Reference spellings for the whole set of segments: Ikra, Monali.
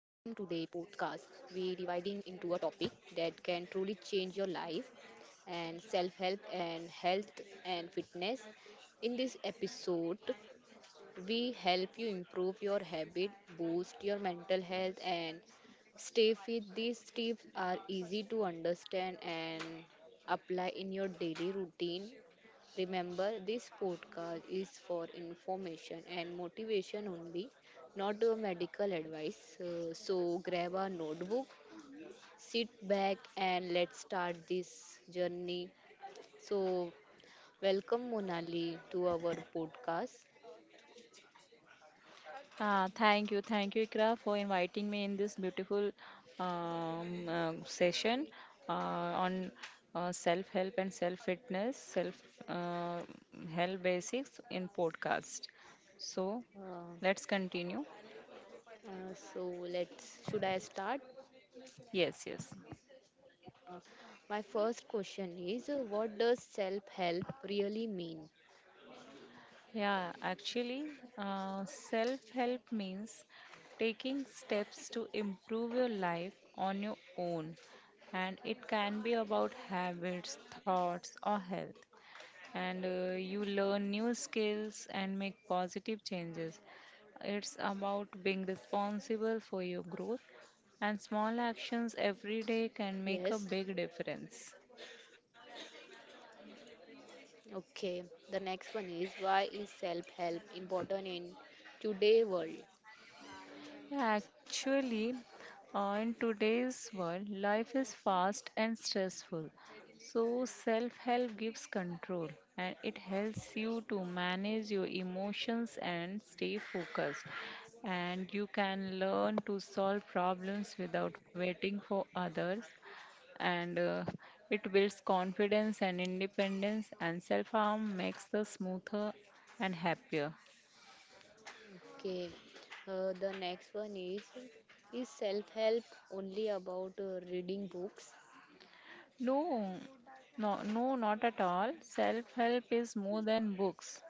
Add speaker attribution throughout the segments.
Speaker 1: into a topic that can truly change your life and self-help and health and fitness. In this episode, we help you improve your habit, boost your mental health and stay fit. These tips are easy to understand and apply in your daily routine. Remember, this podcast is for information and motivation only, not a medical advice. Grab a notebook, sit back, and let's start this journey. So, welcome Monali to our podcast.
Speaker 2: Ah, thank you, Ikra, for inviting me in this beautiful session uh, on self-help and self-fitness, self uh, help basics in podcast. So
Speaker 1: Uh,
Speaker 2: let's continue.
Speaker 1: let's should I start?
Speaker 2: Yes, yes.
Speaker 1: Uh, my first question is what does self help really mean?
Speaker 2: Yeah, actually, self-help means taking steps to improve your life on your own, and it can be about habits, thoughts, or health. And you learn new skills and make positive changes. It's about being responsible for your growth, and small actions every day
Speaker 1: Yes.
Speaker 2: can make a big difference.
Speaker 1: Okay, the next one is why is self-help important in today world?
Speaker 2: Yeah, actually, in today's world, life is fast and stressful. So, self help gives control, and it helps you to manage your emotions and stay focused. And you can learn to solve problems without waiting for others. And it builds confidence and independence, and self harm makes the smoother and happier.
Speaker 1: Okay, the next one is self-help only about reading books?
Speaker 2: No, no, no, not at all. Self help is more than books.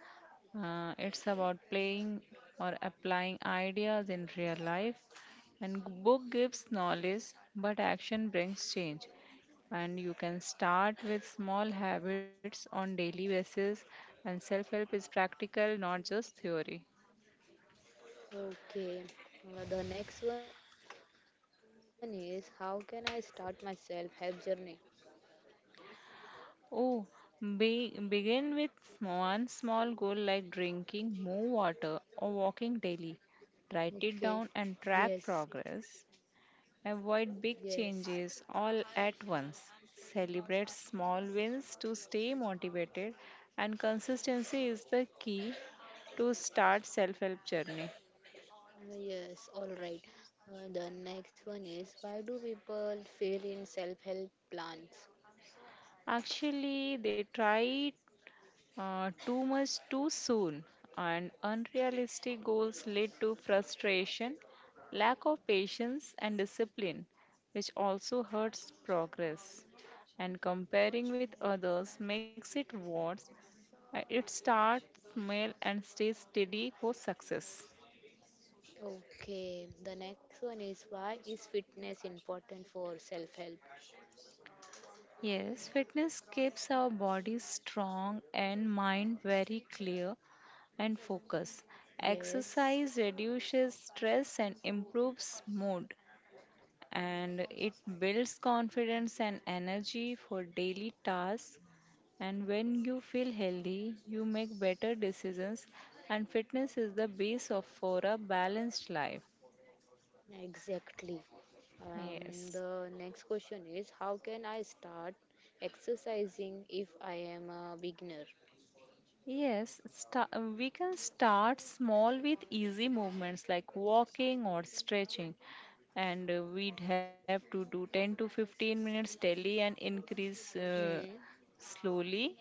Speaker 2: It's about playing or applying ideas in real life. And book gives knowledge, but action brings change. And you can start with small habits on daily basis. And self help is practical, not just theory.
Speaker 1: Okay, the next one is how can I start my self-help journey?
Speaker 2: Oh, begin with one small goal like drinking more water or walking daily.
Speaker 1: Okay,
Speaker 2: Write it down and
Speaker 1: yes,
Speaker 2: track progress. Avoid big
Speaker 1: yes,
Speaker 2: changes all at once. Celebrate small wins to stay motivated, and consistency is the key to start self-help journey.
Speaker 1: yes, all right. The next one is why do people fail in self-help plans?
Speaker 2: Actually, they try too much too soon, and unrealistic goals lead to frustration, lack of patience, and discipline, which also hurts progress. And comparing with others makes it worse. It starts small and stays steady for success.
Speaker 1: Okay, the next one is why is fitness important for self help?
Speaker 2: Yes, fitness keeps our body strong and mind very clear and focused.
Speaker 1: Yes,
Speaker 2: Exercise reduces stress and improves mood, and it builds confidence and energy for daily tasks. And when you feel healthy, you make better decisions, and fitness is the base of for a balanced life.
Speaker 1: exactly.
Speaker 2: Yes.
Speaker 1: The next question is how can I start exercising if I am a beginner?
Speaker 2: Yes, sta- we can start small with easy movements like walking or stretching, and we'd have to do 10 to 15 minutes daily and increase
Speaker 1: Hmm.
Speaker 2: slowly,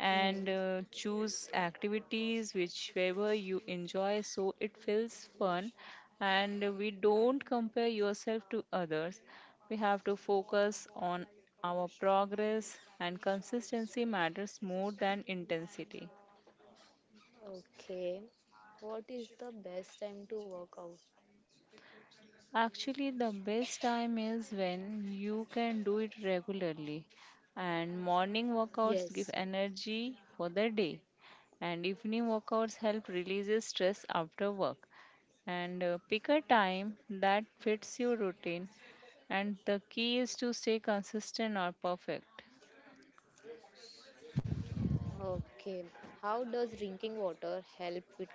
Speaker 2: and
Speaker 1: Hmm.
Speaker 2: choose activities whichever you enjoy so it feels fun, and we don't compare yourself to others. We have to focus on our progress, and consistency matters more than intensity.
Speaker 1: Okay. What is the best time to work out?
Speaker 2: Actually, the best time is when you can do it regularly, and morning workouts
Speaker 1: Yes.
Speaker 2: give energy for the day, and evening workouts help release stress after work. And pick a time that fits your routine, and the key is to stay consistent or perfect.
Speaker 1: Okay. How does drinking water help fitness?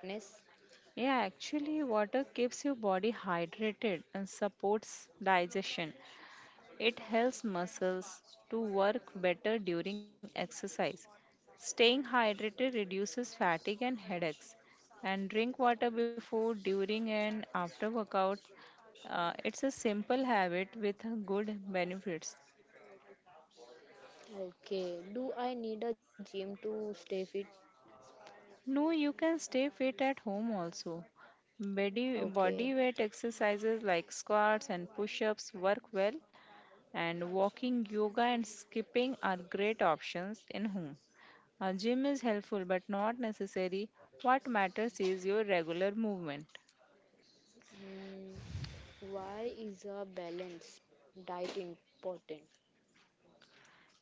Speaker 2: Yeah, actually, water keeps your body hydrated and supports digestion. It helps muscles to work better during exercise. Staying hydrated reduces fatigue and headaches. And drink water before, during, and after workout. It's a simple habit with good benefits.
Speaker 1: Okay. Do I need a gym to stay fit?
Speaker 2: No, you can stay fit at home also. Body,
Speaker 1: Okay.
Speaker 2: body weight exercises like squats and push ups work well, and walking, yoga, and skipping are great options in home. A gym is helpful but not necessary. What matters is your regular movement.
Speaker 1: Hmm, why is a balanced diet important?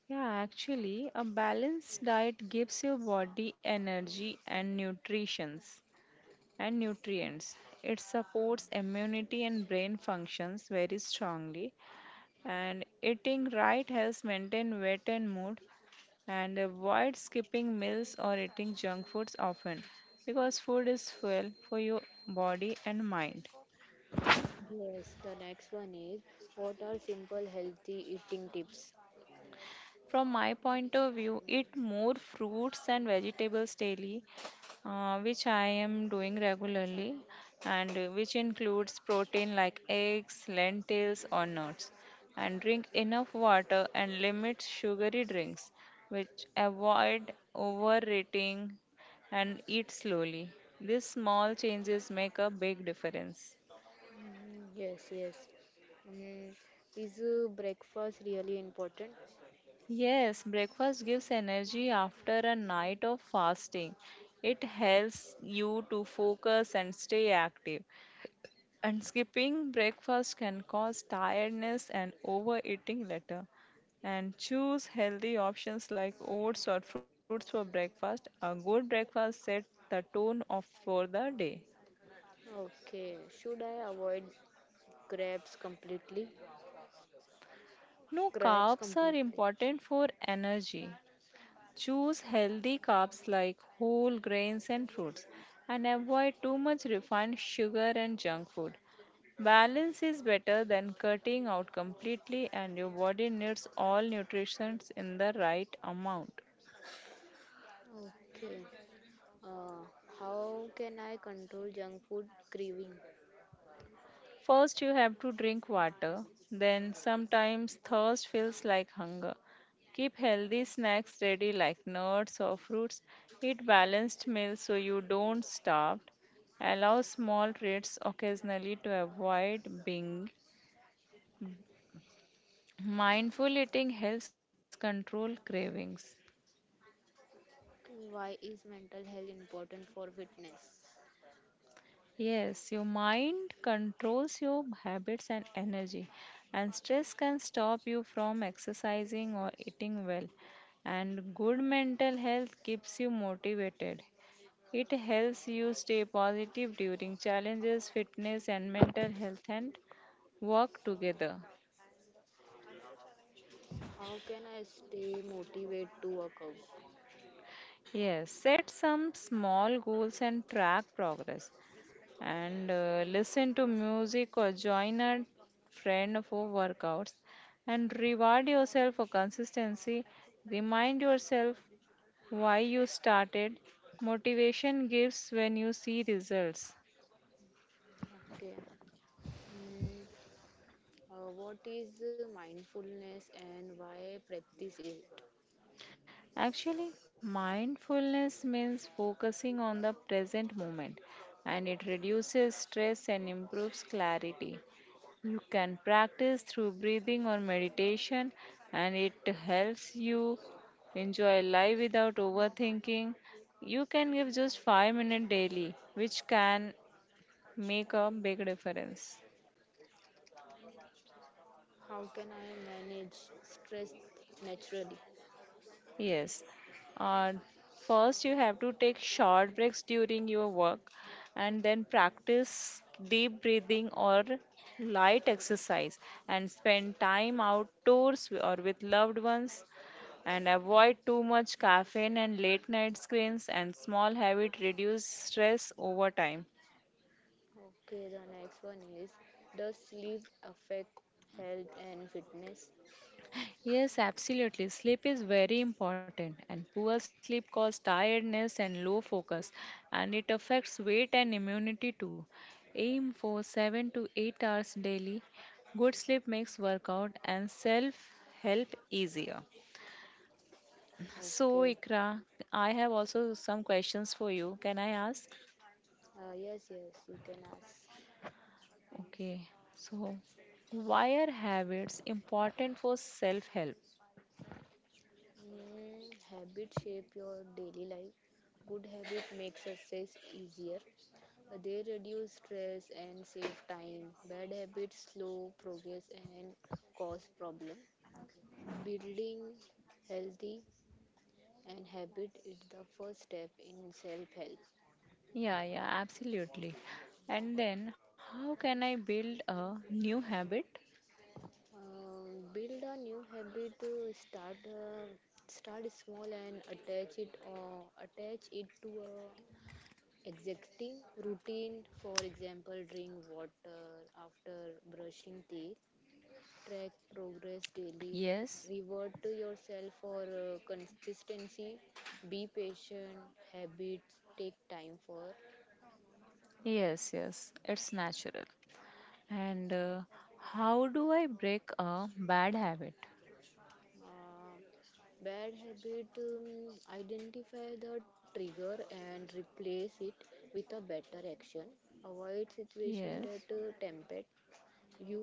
Speaker 2: Yeah, actually, a balanced diet gives your body energy and nutritions and nutrients. It supports immunity and brain functions very strongly. And eating right helps maintain weight and mood. And avoid skipping meals or eating junk foods often, because food is fuel for your body and mind.
Speaker 1: Yes, the next one is what are simple healthy eating tips?
Speaker 2: From my point of view, eat more fruits and vegetables daily, which I am doing regularly, and which includes protein like eggs, lentils, or nuts. And drink enough water and limit sugary drinks, which avoid overeating and eat slowly. These small changes make a big difference.
Speaker 1: Mm, yes, yes. Mm, is breakfast really important?
Speaker 2: Yes, breakfast gives energy after a night of fasting. It helps you to focus and stay active. And skipping breakfast can cause tiredness and overeating later. And choose healthy options like oats or fruits for breakfast. A good breakfast sets the tone of for the day.
Speaker 1: Okay, should I avoid crabs completely?
Speaker 2: No,
Speaker 1: Crabs
Speaker 2: carbs are
Speaker 1: completely.
Speaker 2: important for energy. Choose healthy carbs like whole grains and fruits, and avoid too much refined sugar and junk food. Balance is better than cutting out completely, and your body needs all nutrients in the right amount.
Speaker 1: Okay. Uh, how can I control junk food craving?
Speaker 2: First, you have to drink water. Then, sometimes thirst feels like hunger. Keep healthy snacks ready, like nuts or fruits. Eat balanced meals so you don't starve. Allow small treats occasionally to avoid being mindful eating helps control cravings.
Speaker 1: Why is mental health important for fitness?
Speaker 2: Yes, your mind controls your habits and energy, and stress can stop you from exercising or eating well. And good mental health keeps you motivated. It helps you stay positive during challenges, fitness, and mental health, and work together.
Speaker 1: How can I stay motivated to work out?
Speaker 2: Yes, set some small goals and track progress, and listen to music or join a friend for workouts, and reward yourself for consistency. Remind yourself why you started. Motivation gives when you see results.
Speaker 1: Okay. Mm, what is mindfulness and why practice it?
Speaker 2: Actually, mindfulness means focusing on the present moment, and it reduces stress and improves clarity. You can practice through breathing or meditation, and it helps you enjoy life without overthinking. You can give just 5 minutes daily, which can make a big difference.
Speaker 1: How can I manage stress naturally?
Speaker 2: Yes. Uh, First, you have to take short breaks during your work, and then practice deep breathing or light exercise, and spend time outdoors or with loved ones, and avoid too much caffeine and late night screens, and small habit reduce stress over time.
Speaker 1: Okay, the next one is does sleep affect health and fitness?
Speaker 2: Yes, absolutely, sleep is very important, and poor sleep causes tiredness and low focus, and it affects weight and immunity too. Aim for 7 to 8 hours daily. Good sleep makes workout and self help easier. So,
Speaker 1: Okay.
Speaker 2: Ikra, I have also some questions for you. Can I ask?
Speaker 1: Yes, yes, you can ask.
Speaker 2: Okay, so why are habits important for self help?
Speaker 1: Mm, habit shape your daily life. Good habit makes success easier. They reduce stress and save time. Bad habits slow progress and cause problem. Building healthy and habit is the first step in self-help.
Speaker 2: Yeah, yeah, absolutely. And then, how can I build a new habit?
Speaker 1: Build a new habit. Start small and attach it to a existing routine. For example, drink water after brushing teeth. Track progress daily.
Speaker 2: Yes,
Speaker 1: Reward to yourself for consistency. Be patient. Habits take time for.
Speaker 2: yes, it's natural. And how do I break a bad habit?
Speaker 1: Uh, Bad habit, identify the trigger and replace it with a better action. Avoid situation
Speaker 2: Yes,
Speaker 1: that tempt you,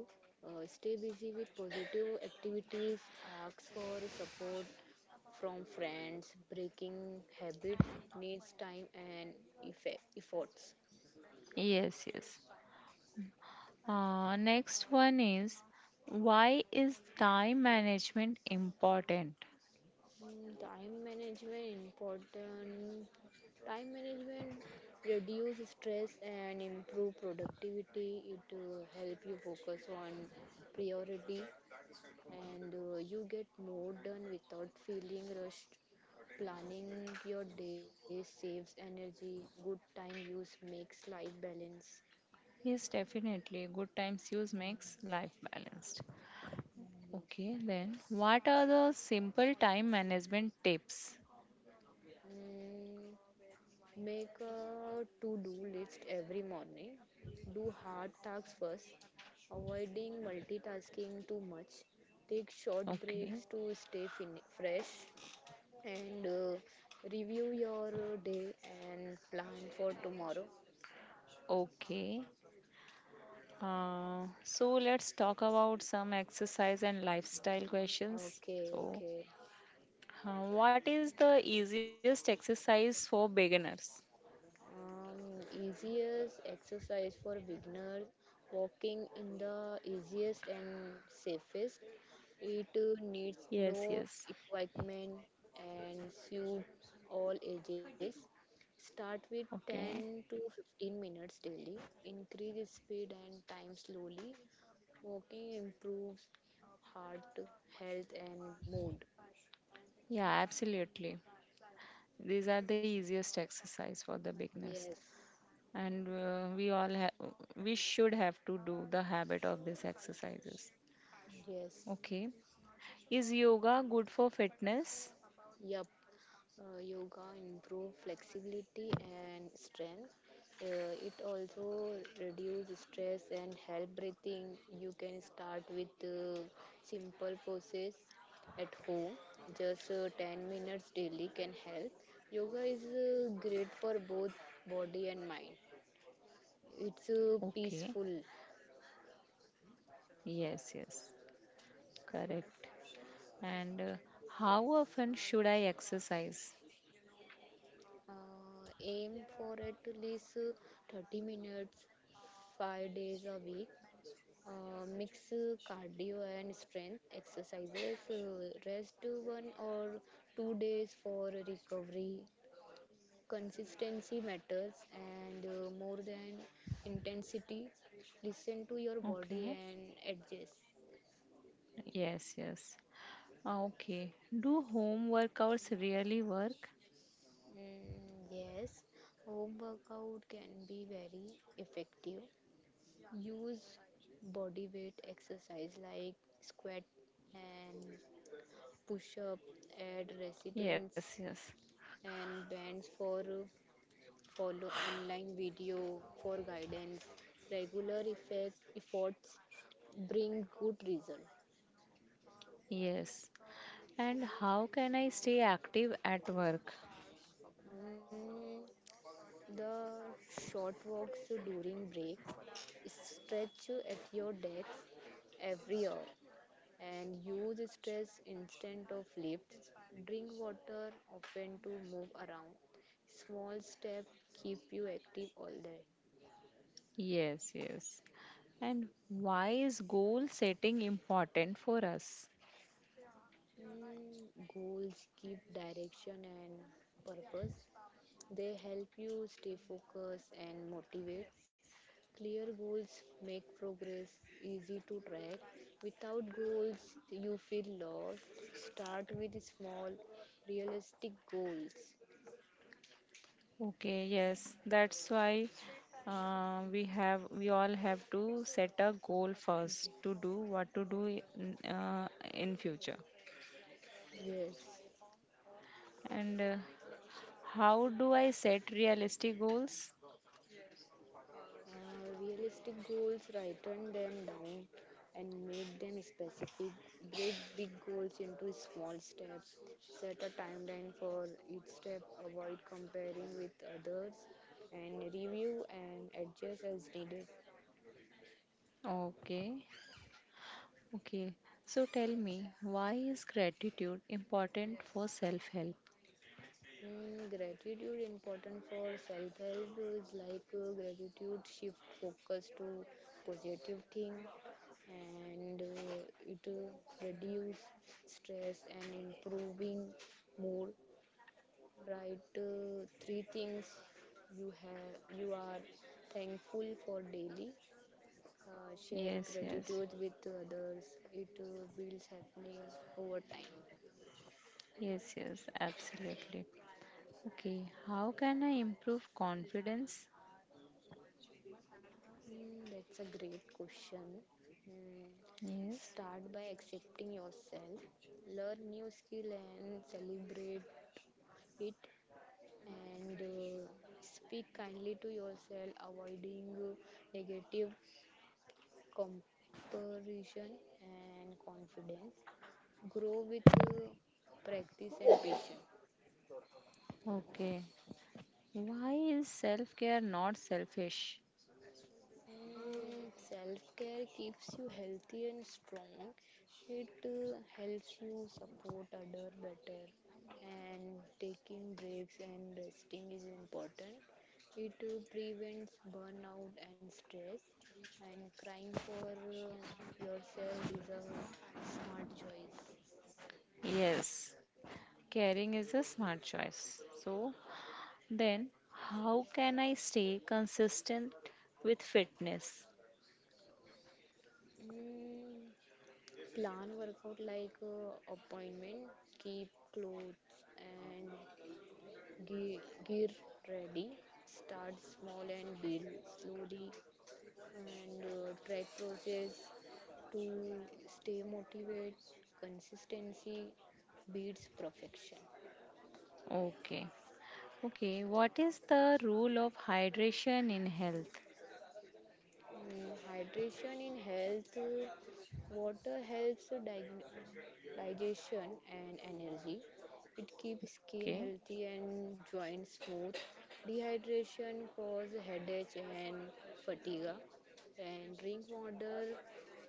Speaker 1: stay busy with positive activities, ask for support from friends. Breaking habits needs time and efforts.
Speaker 2: yes, yes. Next one is, why is time management important?
Speaker 1: Mm, time management important, time management reduce stress and improve productivity. It help you focus on priority, and you get more done without feeling rushed. Planning your day saves energy, good time use makes life balance.
Speaker 2: Yes, definitely. Good time use makes life balanced. Okay, then, what are the simple time management tips?
Speaker 1: Mm, make a to-do list every morning. Do hard tasks first, avoiding multitasking too much. Take short
Speaker 2: Okay,
Speaker 1: breaks to stay fresh and review your day and plan for tomorrow.
Speaker 2: okay. So let's talk about some exercise and lifestyle questions.
Speaker 1: Okay,
Speaker 2: So,
Speaker 1: okay.
Speaker 2: what is the easiest exercise for beginners?
Speaker 1: Easiest exercise for beginners. Walking in the easiest and safest. It needs
Speaker 2: Yes, yes.
Speaker 1: no equipment and suit all ages. Start with 10
Speaker 2: Okay.
Speaker 1: to 15 minutes daily. Increase speed and time slowly. Walking improves heart health and mood.
Speaker 2: Yeah, absolutely. These are the easiest exercise for the beginners,
Speaker 1: Yes,
Speaker 2: and we should have to do the habit of these exercises.
Speaker 1: yes,
Speaker 2: Okay. Is yoga good for fitness?
Speaker 1: yup. Yoga improve flexibility and strength. It also reduce stress and help breathing. You can start with simple poses at home. Just 10 minutes daily can help. Yoga is great for both body and mind. It's
Speaker 2: Okay.
Speaker 1: peaceful.
Speaker 2: Yes, yes. Correct. And how often should I exercise?
Speaker 1: Aim for at least 30 minutes, 5 days a week. Mix cardio and strength exercises, rest 1 or 2 days for recovery. Consistency matters and more than intensity. Listen to your
Speaker 2: Okay.
Speaker 1: body and adjust.
Speaker 2: Yes, yes. Ah, okay. Do home workouts really work?
Speaker 1: Mm, yes, home workout can be very effective. Use body weight exercise like squat and push up at
Speaker 2: Yes,
Speaker 1: resistance
Speaker 2: yes.
Speaker 1: and bands for follow online video for guidance. Regular efforts bring good result.
Speaker 2: Yes. And how can I stay active at work?
Speaker 1: Mm, the short walks during breaks, stretch at your desk every hour, and use stress instead of lifts. Drink water often to move around. Small steps keep you active all day.
Speaker 2: Yes, yes. And why is goal setting important for us?
Speaker 1: Mm, goals give direction and purpose. They help you stay focused and motivate. Clear goals make progress easy to track. Without goals, you feel lost. Start with small, realistic goals.
Speaker 2: Okay, yes, that's why we all have to set a goal first to do what to do in future.
Speaker 1: Yes.
Speaker 2: And how do I set realistic goals?
Speaker 1: Realistic goals, written them down and make them specific. Break big goals into small steps. Set a timeline for each step. Avoid comparing with others and review and adjust as needed.
Speaker 2: Okay, okay. So tell me, why is gratitude important for self-help?
Speaker 1: Mm, gratitude important for self-help is like gratitude shift focus to positive thing, and it reduce stress and improving mood. Write three things you are thankful for daily. Share
Speaker 2: Yes, yes,
Speaker 1: gratitude with others. It builds happening over time.
Speaker 2: yes, yes, absolutely. Okay, how can I improve confidence?
Speaker 1: Mm, that's a great question. Mm,
Speaker 2: Yes.
Speaker 1: start by accepting yourself, learn new skill and celebrate it, and speak kindly to yourself, avoiding negative comparison and confidence. Grow with practice and patience.
Speaker 2: Okay. Why is self care not selfish?
Speaker 1: And self care keeps you healthy and strong. It helps you support other better. And taking breaks and resting is important. It prevents burnout and stress. And crying for yourself is a smart choice.
Speaker 2: Yes, caring is a smart choice. So, then, how can I stay consistent with fitness?
Speaker 1: Mm, plan workout like appointment, keep clothes and gear ready. Start small and build slowly and track process to stay motivated. Consistency beats perfection.
Speaker 2: Okay, okay, what is the role of hydration in health?
Speaker 1: Mm, hydration in health. Water helps digestion and energy. It keeps
Speaker 2: Okay,
Speaker 1: skin healthy and joints smooth. Dehydration causes headache and fatigue. And drink water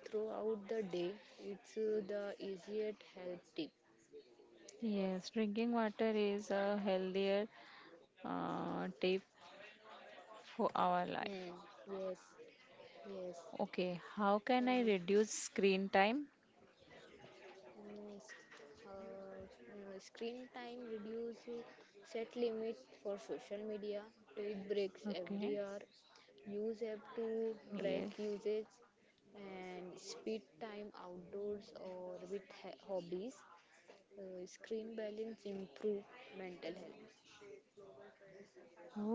Speaker 1: throughout the day. It's the easiest health tip.
Speaker 2: yes, drinking water is a healthier tip for our
Speaker 1: Hmm.
Speaker 2: life.
Speaker 1: Yes. Yes.
Speaker 2: Okay, how can
Speaker 1: Um,
Speaker 2: I reduce screen time?
Speaker 1: mm, s- Screen time reduce. Set limit for social media. Take breaks every
Speaker 2: Okay,
Speaker 1: hour, use app to
Speaker 2: yes,
Speaker 1: track usage and speed time outdoors or with hobbies. Screen balance improve mental health.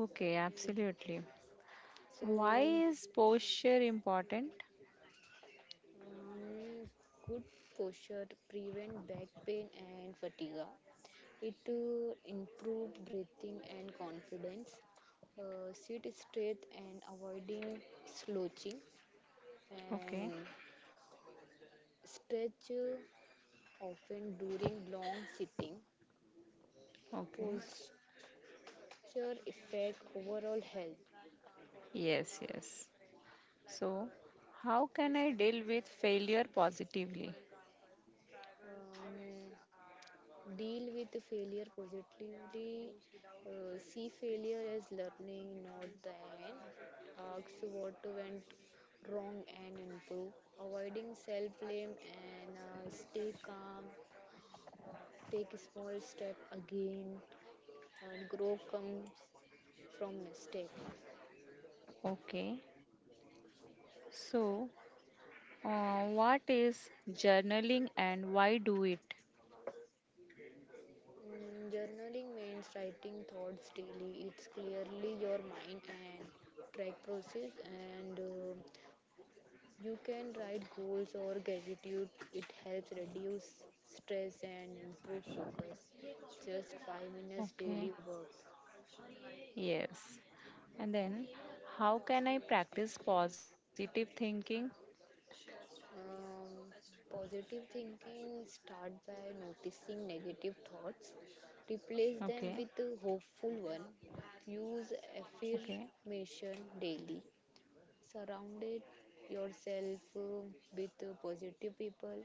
Speaker 2: okay,
Speaker 1: Okay,
Speaker 2: absolutely. Why
Speaker 1: so
Speaker 2: is posture important?
Speaker 1: um, good posture prevent back pain and fatigue. It improve breathing and confidence. Sit straight and avoiding slouching,
Speaker 2: Okay,
Speaker 1: and stretch often during long sitting.
Speaker 2: okay.
Speaker 1: Posture affect overall health.
Speaker 2: Yes, yes. So, how can I deal with failure positively?
Speaker 1: um, Deal with the failure positively. See failure as learning, not the end. Ask what went wrong and improve. Avoiding self blame and stay calm. Take a small step again, and grow comes from mistake.
Speaker 2: Okay. So, what is journaling and why do it?
Speaker 1: Mm, journaling means writing thoughts daily. It's clearly your mind and track process, and you can write goals or gratitude. It helps reduce stress and improve focus. Just 5 minutes
Speaker 2: Okay.
Speaker 1: daily work.
Speaker 2: Yes. And then, how can I practice positive thinking?
Speaker 1: Um, Positive thinking start by noticing negative thoughts, replace
Speaker 2: Okay.
Speaker 1: them with a hopeful one. Use
Speaker 2: Okay.
Speaker 1: affirmation daily. Surrounded yourself with positive people.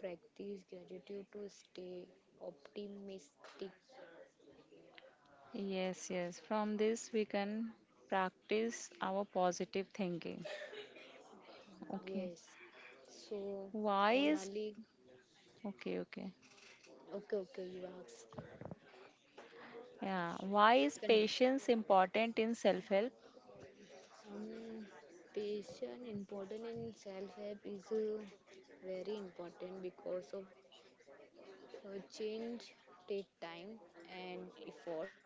Speaker 1: Practice gratitude to stay optimistic.
Speaker 2: Yes, yes. From this, we can practice our positive thinking. Okay.
Speaker 1: Yes, so
Speaker 2: Why is
Speaker 1: Monali.
Speaker 2: Okay, okay.
Speaker 1: Okay, okay, you asked.
Speaker 2: Yeah. Why is
Speaker 1: Can.
Speaker 2: patience important in self help?
Speaker 1: um, Patient important in self help is very important because of change take time and efforts.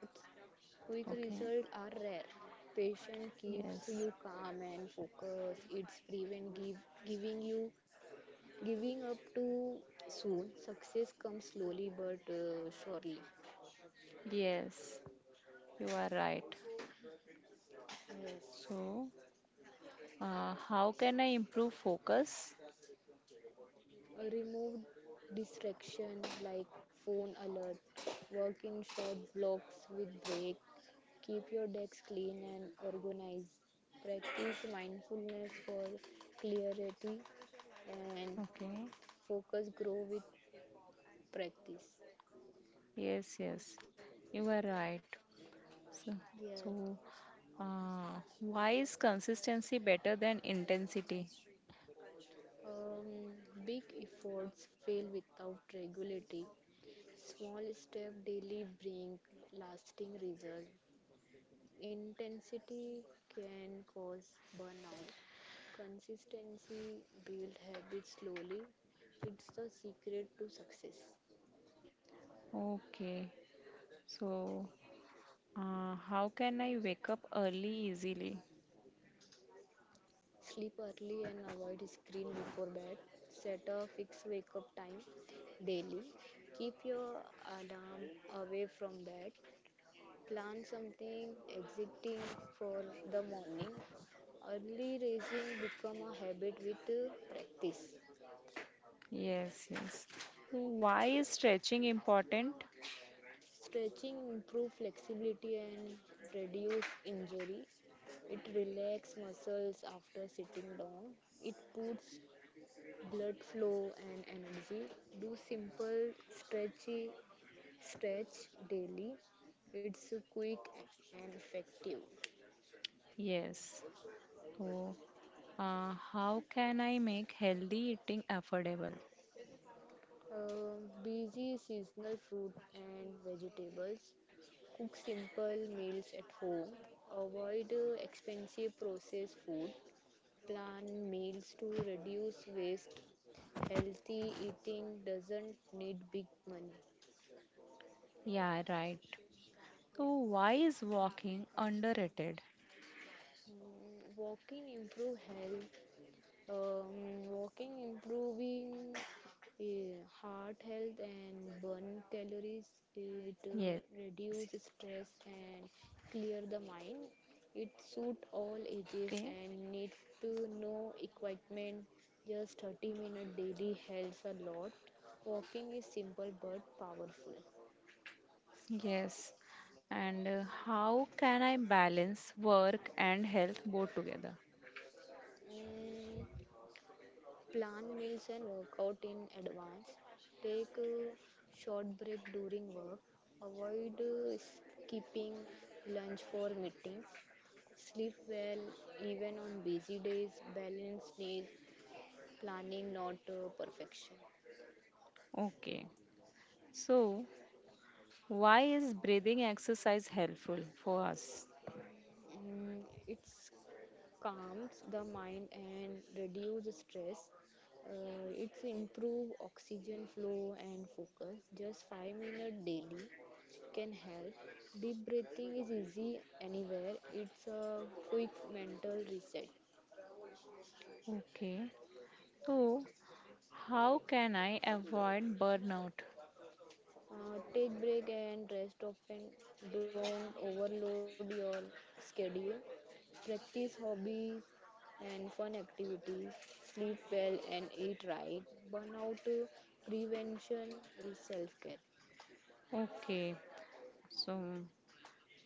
Speaker 1: Quick
Speaker 2: Okay.
Speaker 1: results are rare. Patience keeps
Speaker 2: Yes.
Speaker 1: you calm and focused. It's prevent give, giving you giving up too soon. Success comes slowly but surely.
Speaker 2: Yes. You are right.
Speaker 1: Yes.
Speaker 2: So, how can I improve focus?
Speaker 1: Remove distraction like phone alert, work in short blocks with break, keep your desk clean and organized. Practice mindfulness for clarity, and
Speaker 2: Okay.
Speaker 1: focus grow with practice.
Speaker 2: Yes, yes. You are right. So, so
Speaker 1: Yes.
Speaker 2: uh, why is consistency better than intensity?
Speaker 1: Um, Big efforts fail without regularity. Small step daily bring lasting result. Intensity can cause burnout. Consistency build habits slowly. It's the secret to success.
Speaker 2: Okay. So, how can I wake up early easily?
Speaker 1: Sleep early and avoid screen before bed. Set a fixed wake up time daily. Keep your alarm away from bed. Plan something exciting for the morning. Early raising become a habit with practice.
Speaker 2: Yes, yes. So why is stretching important?
Speaker 1: Stretching improve flexibility and reduce injury. It relax muscles after sitting down. It puts blood flow and energy. Do simple stretch daily. It's quick and effective.
Speaker 2: Yes. So, how can I make healthy eating affordable?
Speaker 1: uh, Busy seasonal fruit and vegetables, cook simple meals at home, avoid expensive processed food, plan meals to reduce waste. Healthy eating doesn't need big money.
Speaker 2: Yeah, right. So, why is walking underrated?
Speaker 1: Mm, walking improve health. Walking improving heart health and burn calories. It
Speaker 2: Yes.
Speaker 1: reduces stress and clear the mind. It suit all
Speaker 2: Okay.
Speaker 1: ages and need to no equipment. Just 30-minute daily helps a lot. Walking is simple but powerful.
Speaker 2: Yes. And how can I balance work and health both together?
Speaker 1: Mm, plan meals and workout in advance. Take a short break during work. Avoid skipping lunch for meetings. Sleep well even on busy days. Balance needs planning, not perfection.
Speaker 2: Okay. So, why is breathing exercise helpful for us?
Speaker 1: Mm, it calms the mind and reduce stress. It's improve oxygen flow and focus. Just 5 minutes daily can help. Deep breathing is easy anywhere. It's a quick mental reset.
Speaker 2: Okay. So, how can I avoid burnout?
Speaker 1: Take break and rest often. Don't overload your schedule. Practice hobbies and fun activities. Sleep well and eat right. Burnout prevention is self care.
Speaker 2: Okay. So,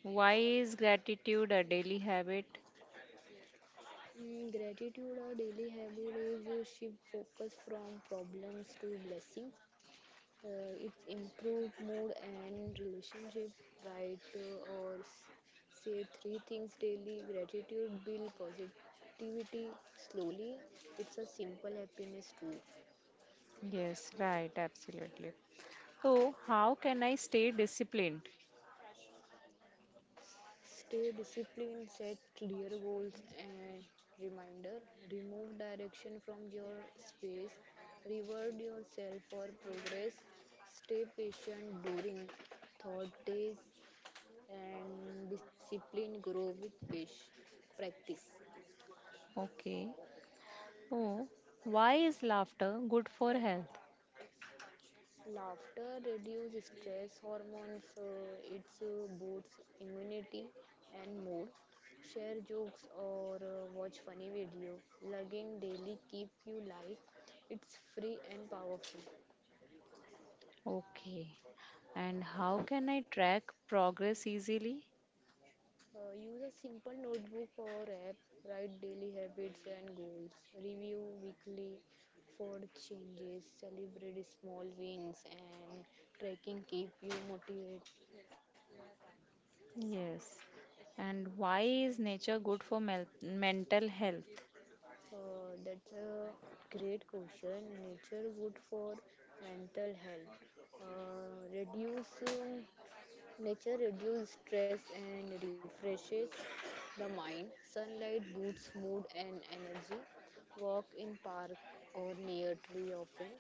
Speaker 2: why is gratitude a daily habit?
Speaker 1: Mm, gratitude, or daily habit, is a shift focus from problems to blessings. It improves mood and relationship. Write or say three things daily. Gratitude build positivity slowly. It's a simple happiness tool.
Speaker 2: Yes, right, absolutely. So, how can I stay disciplined?
Speaker 1: Stay disciplined, set clear goals and reminder. Remove direction from your space. Reward yourself for progress. Stay patient during thought days, and discipline grow with pace practice.
Speaker 2: Okay. Oh, why is laughter good for health?
Speaker 1: Laughter reduces stress hormones. It boosts immunity and mood. Share jokes or watch funny video. Lugging daily keep you light. It's free and powerful.
Speaker 2: Okay. And how can I track progress easily?
Speaker 1: Use a simple notebook or app. Write daily habits and goals. Review weekly for changes. Celebrate small wins, and tracking keep you motivated.
Speaker 2: Yes. And why is nature good for mental health?
Speaker 1: That's a great question. Nature good for mental health. Reduce Nature reduce stress and refreshes the mind. Sunlight boosts mood and energy. Walk in park or near tree often.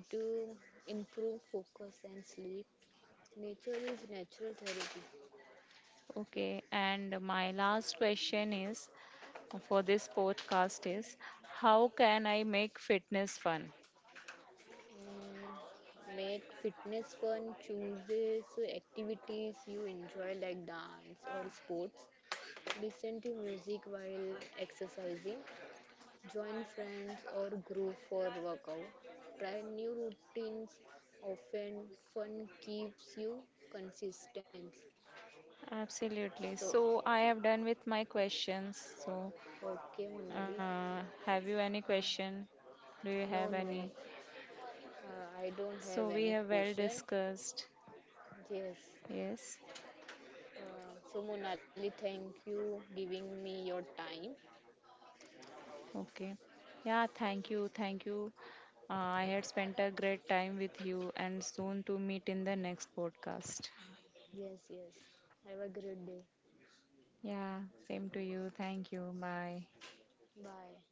Speaker 1: It improve focus and sleep. Nature is natural therapy.
Speaker 2: Okay. And my last question is for this podcast is, how can I make fitness fun?
Speaker 1: Mm, make fitness fun, chooses activities you enjoy like dance or sports, listen to music while exercising, join friends or group for workout, try new routines often. Fun keeps you consistent.
Speaker 2: Absolutely.
Speaker 1: So,
Speaker 2: So I have done with my questions. So
Speaker 1: okay, Monali.
Speaker 2: have you any question? Do you
Speaker 1: No,
Speaker 2: have
Speaker 1: no,
Speaker 2: any?
Speaker 1: I don't have
Speaker 2: So we
Speaker 1: any
Speaker 2: have well
Speaker 1: question.
Speaker 2: discussed.
Speaker 1: Yes.
Speaker 2: Yes.
Speaker 1: So, Monali, thank you giving me your time.
Speaker 2: Okay. Yeah, thank you. Thank you. Uh, I had spent a great time with you and soon to meet in the next podcast.
Speaker 1: Yes, yes. Have a great day.
Speaker 2: Yeah, same to you. Thank you. Bye.
Speaker 1: Bye.